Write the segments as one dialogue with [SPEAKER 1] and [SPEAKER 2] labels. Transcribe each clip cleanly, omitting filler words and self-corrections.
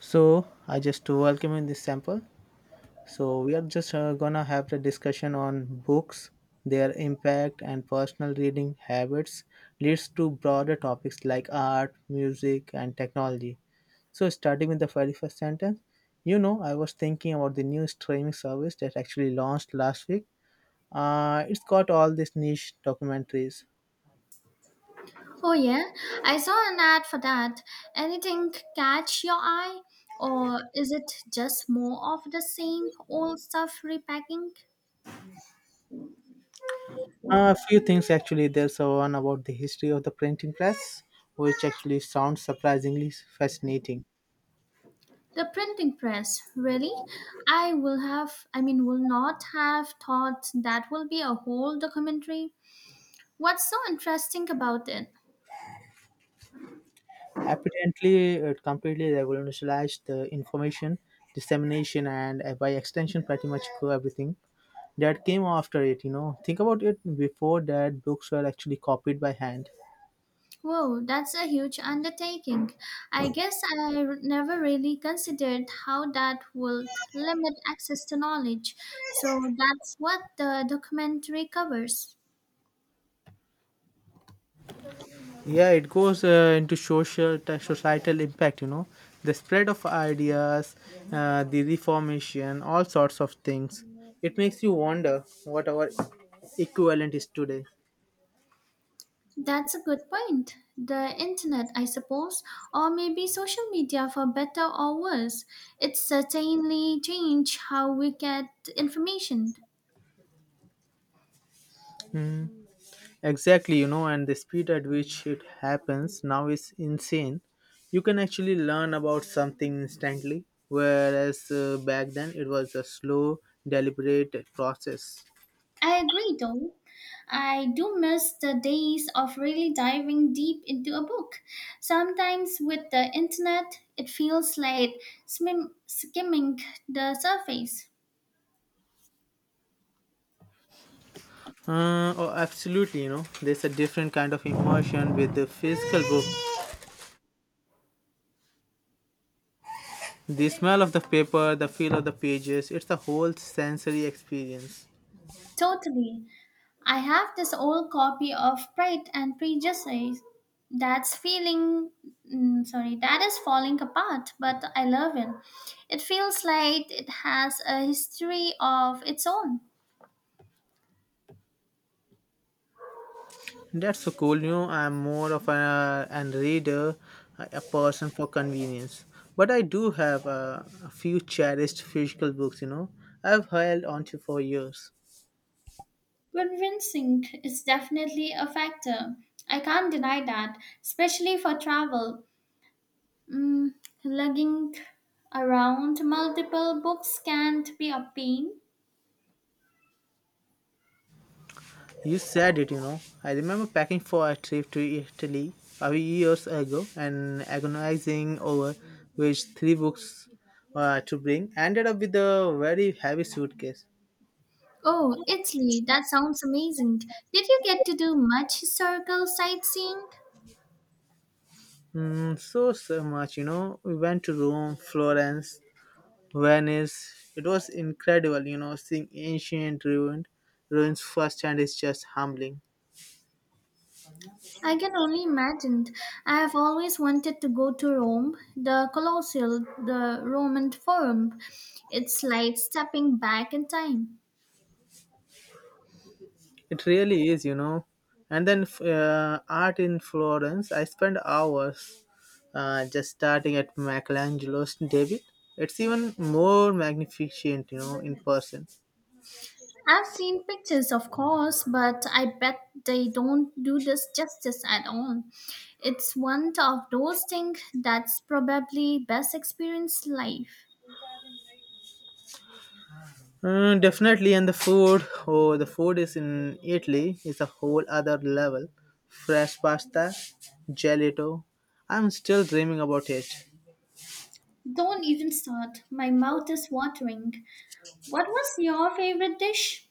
[SPEAKER 1] So I just welcome in this sample. So we are just gonna have the discussion on books, their impact, and personal reading habits leads to broader topics like art, music, and technology. So starting with the very first sentence, I was thinking about the new streaming service that actually launched last week. It's got all these niche documentaries.
[SPEAKER 2] Oh yeah, I saw an ad for that. Anything catch your eye? Or is it just more of the same old stuff repacking?
[SPEAKER 1] A few things actually. There's a one about the history of the printing press, which actually sounds surprisingly fascinating.
[SPEAKER 2] The printing press, really? I will have, I mean, will not have thought that will be a whole documentary. What's so interesting about it?
[SPEAKER 1] Apparently, it completely revolutionized the information dissemination and by extension, pretty much everything that came after it. Think about it. Before that, books were actually copied by hand.
[SPEAKER 2] Whoa, that's a huge undertaking. I guess I never really considered how that would limit access to knowledge. So that's what the documentary covers.
[SPEAKER 1] Yeah, it goes into societal impact. The spread of ideas, the reformation, all sorts of things. It makes you wonder what our equivalent is today.
[SPEAKER 2] That's a good point. The internet, I suppose, or maybe social media for better or worse. It certainly changed how we get information.
[SPEAKER 1] Hmm. Exactly, and the speed at which it happens now is insane. You can actually learn about something instantly, whereas back then it was a slow, deliberate process.
[SPEAKER 2] I agree though. I do miss the days of really diving deep into a book. Sometimes with the internet, it feels like skimming the surface.
[SPEAKER 1] Oh, absolutely, there's a different kind of immersion with the physical book. The smell of the paper, the feel of the pages, it's a whole sensory experience.
[SPEAKER 2] Totally. I have this old copy of Pride and Prejudice that's feeling sorry, that is falling apart, but I love it. It feels like it has a history of its own.
[SPEAKER 1] That's so cool. I'm more of a, an reader, a person for convenience. But I do have a few cherished physical books. I've held onto for years.
[SPEAKER 2] Convincing is definitely a factor. I can't deny that, especially for travel. Mm, lugging around multiple books can't be a pain.
[SPEAKER 1] You said it, I remember packing for a trip to Italy a few years ago and agonizing over which three books to bring. I ended up with a very heavy suitcase.
[SPEAKER 2] Oh, Italy, that sounds amazing. Did you get to do much historical sightseeing?
[SPEAKER 1] Mm, so, so much, We went to Rome, Florence, Venice. It was incredible, seeing ancient ruined ruins firsthand is just humbling.
[SPEAKER 2] I can only imagine. I have always wanted to go to Rome, the Colosseum, the Roman Forum. It's like stepping back in time.
[SPEAKER 1] It really is, And then art in Florence, I spent hours just starting at Michelangelo's David. It's even more magnificent, in person.
[SPEAKER 2] I've seen pictures, of course, but I bet they don't do this justice at all. It's one of those things that's probably best experienced life.
[SPEAKER 1] Mm, definitely, and the food. Oh, the food is in Italy is a whole other level. Fresh pasta, gelato. I'm still dreaming about it.
[SPEAKER 2] Don't even start. My mouth is watering. What was your favorite dish?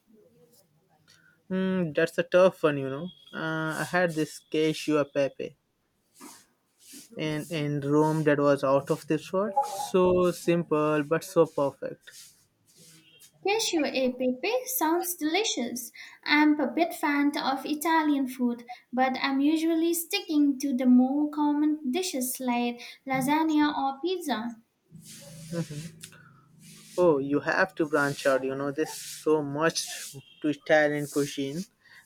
[SPEAKER 1] Hmm, that's a tough one, I had this cashew pepe in Rome that was out of this world. So simple, but so perfect.
[SPEAKER 2] Cashew e pepe sounds delicious. I'm a bit fan of Italian food, but I'm usually sticking to the more common dishes like lasagna or pizza.
[SPEAKER 1] Mhm. Oh, you have to branch out, There's so much to Italian cuisine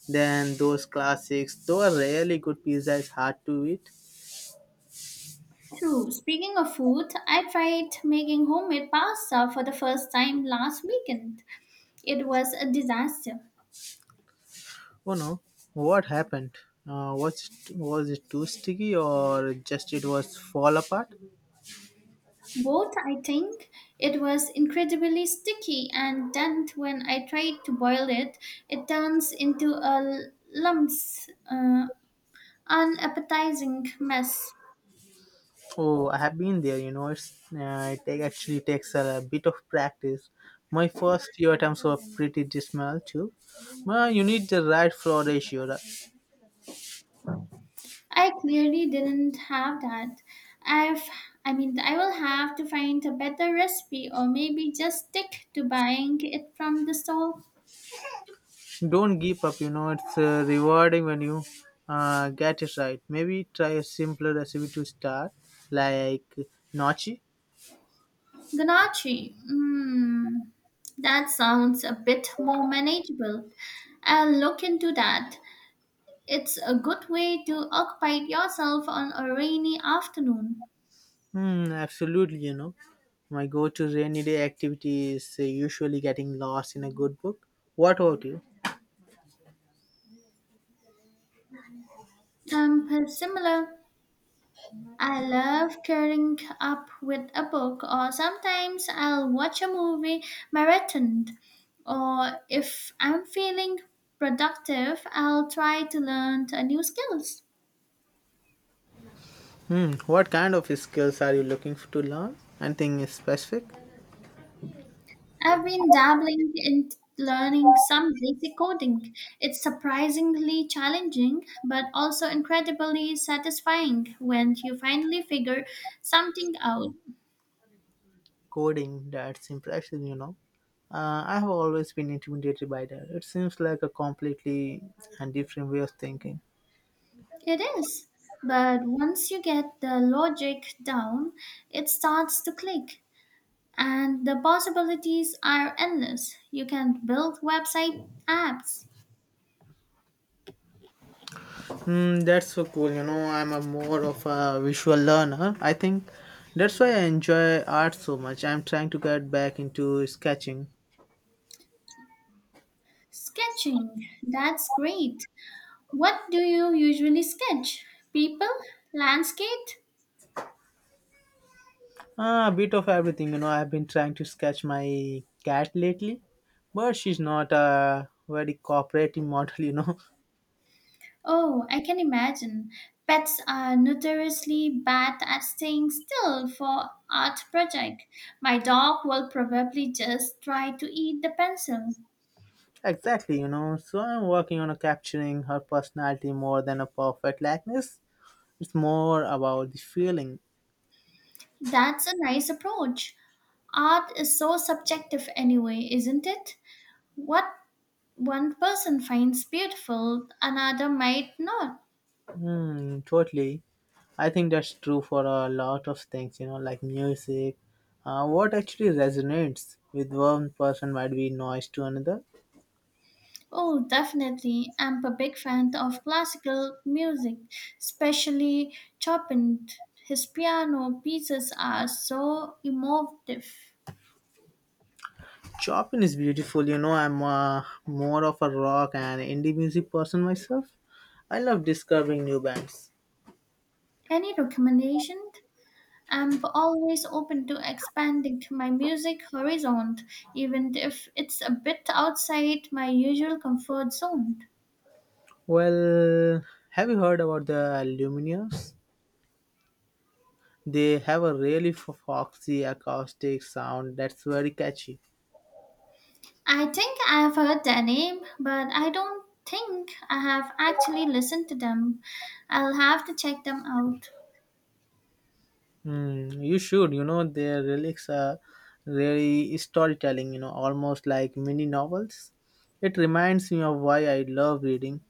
[SPEAKER 1] than those classics. Though a really good pizza is hard to eat.
[SPEAKER 2] True. Speaking of food, I tried making homemade pasta for the first time last weekend. It was a disaster.
[SPEAKER 1] Oh no, what happened? Was it too sticky or just it was fall apart?
[SPEAKER 2] Both, I think, it was incredibly sticky, and then when I tried to boil it, it turns into a lumps, unappetizing mess.
[SPEAKER 1] Oh, I have been there. It's uh, actually takes a, bit of practice. My first few attempts were pretty dismal too. Well, you need the right floor ratio. Right?
[SPEAKER 2] I clearly didn't have that. I've, I mean, I will have to find a better recipe, or maybe just stick to buying it from the store.
[SPEAKER 1] Don't give up. It's rewarding when you get it right. Maybe try a simpler recipe to start, like nochi.
[SPEAKER 2] Ganache. That sounds a bit more manageable. I'll look into that. It's a good way to occupy yourself on a rainy afternoon.
[SPEAKER 1] Hmm, absolutely. My go-to rainy day activity is usually getting lost in a good book. What about you?
[SPEAKER 2] Similar. I love curling up with a book, or sometimes I'll watch a movie marathoned. Or if I'm feeling productive, I'll try to learn a new skills.
[SPEAKER 1] Hmm. What kind of skills are you looking to learn? Anything specific?
[SPEAKER 2] I've been dabbling in learning some basic coding. It's surprisingly challenging, but also incredibly satisfying when you finally figure something out.
[SPEAKER 1] Coding. That's impressive. I have always been intimidated by that. It seems like a completely and different way of thinking.
[SPEAKER 2] It is. But once you get the logic down, it starts to click. And the possibilities are endless. You can build website apps.
[SPEAKER 1] Hmm, that's so cool. I'm a more of a visual learner. I think that's why I enjoy art so much. I'm trying to get back into sketching.
[SPEAKER 2] Sketching, that's great. What do you usually sketch? People? Landscape?
[SPEAKER 1] Ah, a bit of everything. I've been trying to sketch my cat lately, but she's not a very cooperative model.
[SPEAKER 2] Oh, I can imagine. Pets are notoriously bad at staying still for art project. My dog will probably just try to eat the pencil.
[SPEAKER 1] Exactly, So I'm working on a capturing her personality more than a perfect likeness. It's more about the feeling.
[SPEAKER 2] That's a nice approach. Art is so subjective anyway, isn't it? What one person finds beautiful, another might not.
[SPEAKER 1] Hmm, totally. I think that's true for a lot of things, like music. What actually resonates with one person might be noise to another.
[SPEAKER 2] Oh, definitely. I'm a big fan of classical music, especially Chopin. His piano pieces are so emotive.
[SPEAKER 1] Chopin is beautiful, I'm more of a rock and indie music person myself. I love discovering new bands.
[SPEAKER 2] Any recommendation? I'm always open to expanding to my music horizon, even if it's a bit outside my usual comfort zone.
[SPEAKER 1] Well, have you heard about the Lumineers? They have a really foxy acoustic sound that's very catchy.
[SPEAKER 2] I think I've heard their name, but I don't think I have actually listened to them. I'll have to check them out.
[SPEAKER 1] Mm, you should, their lyrics are really storytelling, almost like mini novels. It reminds me of why I love reading.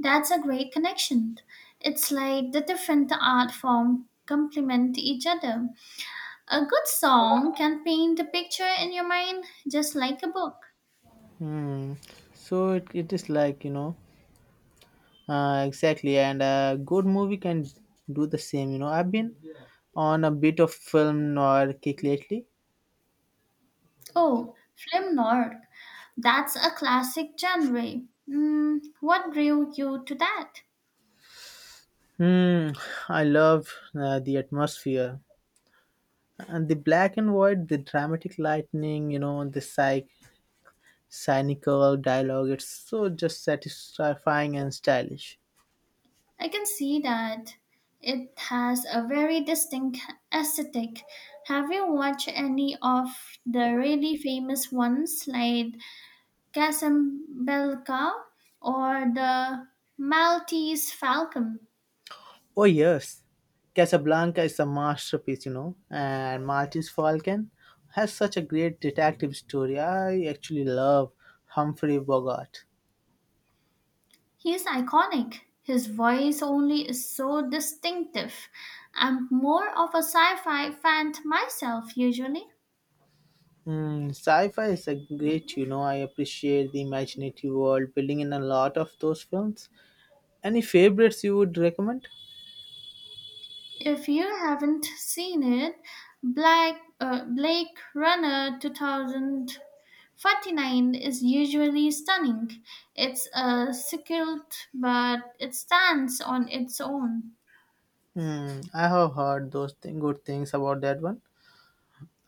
[SPEAKER 2] That's a great connection. It's like the different art form complement each other. A good song can paint a picture in your mind just like a book.
[SPEAKER 1] Hmm. So it is like, exactly. And a good movie can do the same, I've been on a bit of film noir kick lately.
[SPEAKER 2] Oh, film noir. That's a classic genre. What drew you to that?
[SPEAKER 1] Hmm. I love the atmosphere. And the black and white, the dramatic lightning, the psych cynical dialogue, it's so just satisfying and stylish.
[SPEAKER 2] I can see that. It has a very distinct aesthetic. Have you watched any of the really famous ones like Casablanca or the Maltese Falcon?
[SPEAKER 1] Oh yes, Casablanca is a masterpiece, and Martin's Falcon has such a great detective story. I actually love Humphrey Bogart.
[SPEAKER 2] He's iconic. His voice only is so distinctive. I'm more of a sci-fi fan myself usually.
[SPEAKER 1] Mm, sci-fi is a great, I appreciate the imaginative world building in a lot of those films. Any favorites you would recommend?
[SPEAKER 2] If you haven't seen it, Black Blade Runner 2049 is usually stunning. It's a sequel, but it stands on its own.
[SPEAKER 1] Hmm, I have heard good things about that one.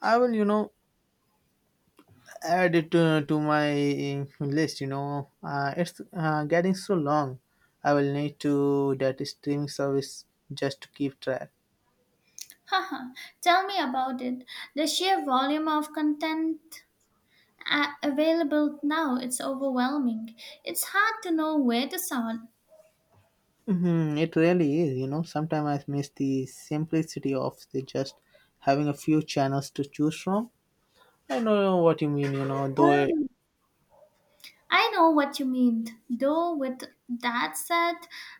[SPEAKER 1] I will, add it to my list. It's getting so long. I will need to that streaming service just to keep track.
[SPEAKER 2] Haha, tell me about it. The sheer volume of content available now, it's overwhelming. It's hard to know where to start.
[SPEAKER 1] Hmm, it really is. Sometimes I miss the simplicity of the just having a few channels to choose from. I know what you mean. You know, though
[SPEAKER 2] Um, I know what you mean. Though with that said,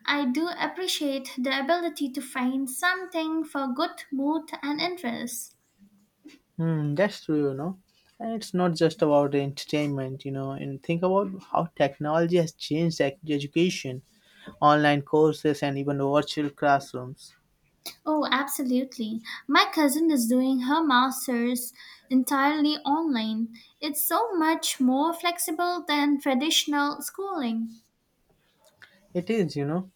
[SPEAKER 2] I do appreciate the ability to find something for good mood and interest.
[SPEAKER 1] Hmm, that's true, And it's not just about entertainment, and think about how technology has changed education, online courses, and even virtual classrooms.
[SPEAKER 2] Oh, absolutely. My cousin is doing her master's entirely online. It's so much more flexible than traditional schooling.
[SPEAKER 1] It is,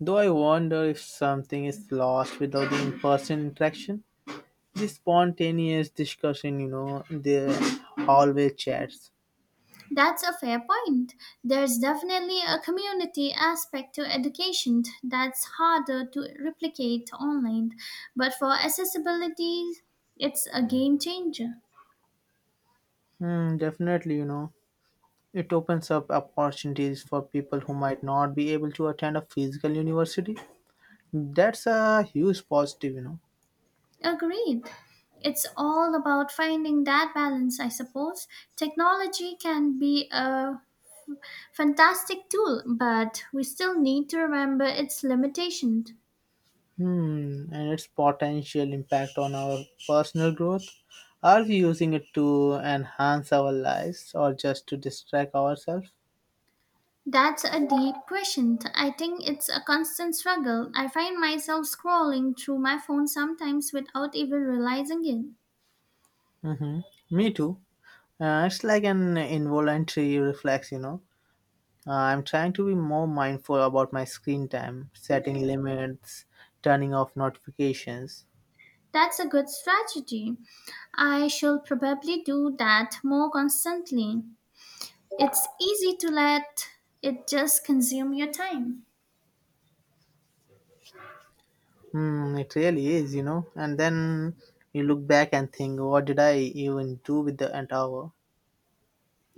[SPEAKER 1] Though I wonder if something is lost without the in person interaction, the spontaneous discussion, the hallway chats.
[SPEAKER 2] That's a fair point. There's definitely a community aspect to education that's harder to replicate online, but for accessibility, it's a game changer.
[SPEAKER 1] Hmm, definitely, It opens up opportunities for people who might not be able to attend a physical university. That's a huge positive,
[SPEAKER 2] Agreed. It's all about finding that balance, I suppose. Technology can be a fantastic tool, but we still need to remember its limitations.
[SPEAKER 1] Hmm, and its potential impact on our personal growth. Are we using it to enhance our lives or just to distract ourselves?
[SPEAKER 2] That's a deep question. I think it's a constant struggle. I find myself scrolling through my phone sometimes without even realizing it.
[SPEAKER 1] Mm-hmm. Me too. It's like an involuntary reflex, I'm trying to be more mindful about my screen time, setting limits, turning off notifications.
[SPEAKER 2] That's a good strategy. I shall probably do that more constantly. It's easy to let it just consume your time.
[SPEAKER 1] Hmm, it really is, And then you look back and think, what did I even do with the entire hour?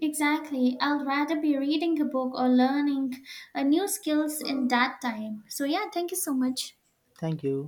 [SPEAKER 2] Exactly. I'd rather be reading a book or learning a new skills in that time. So yeah, thank you so much.
[SPEAKER 1] Thank you.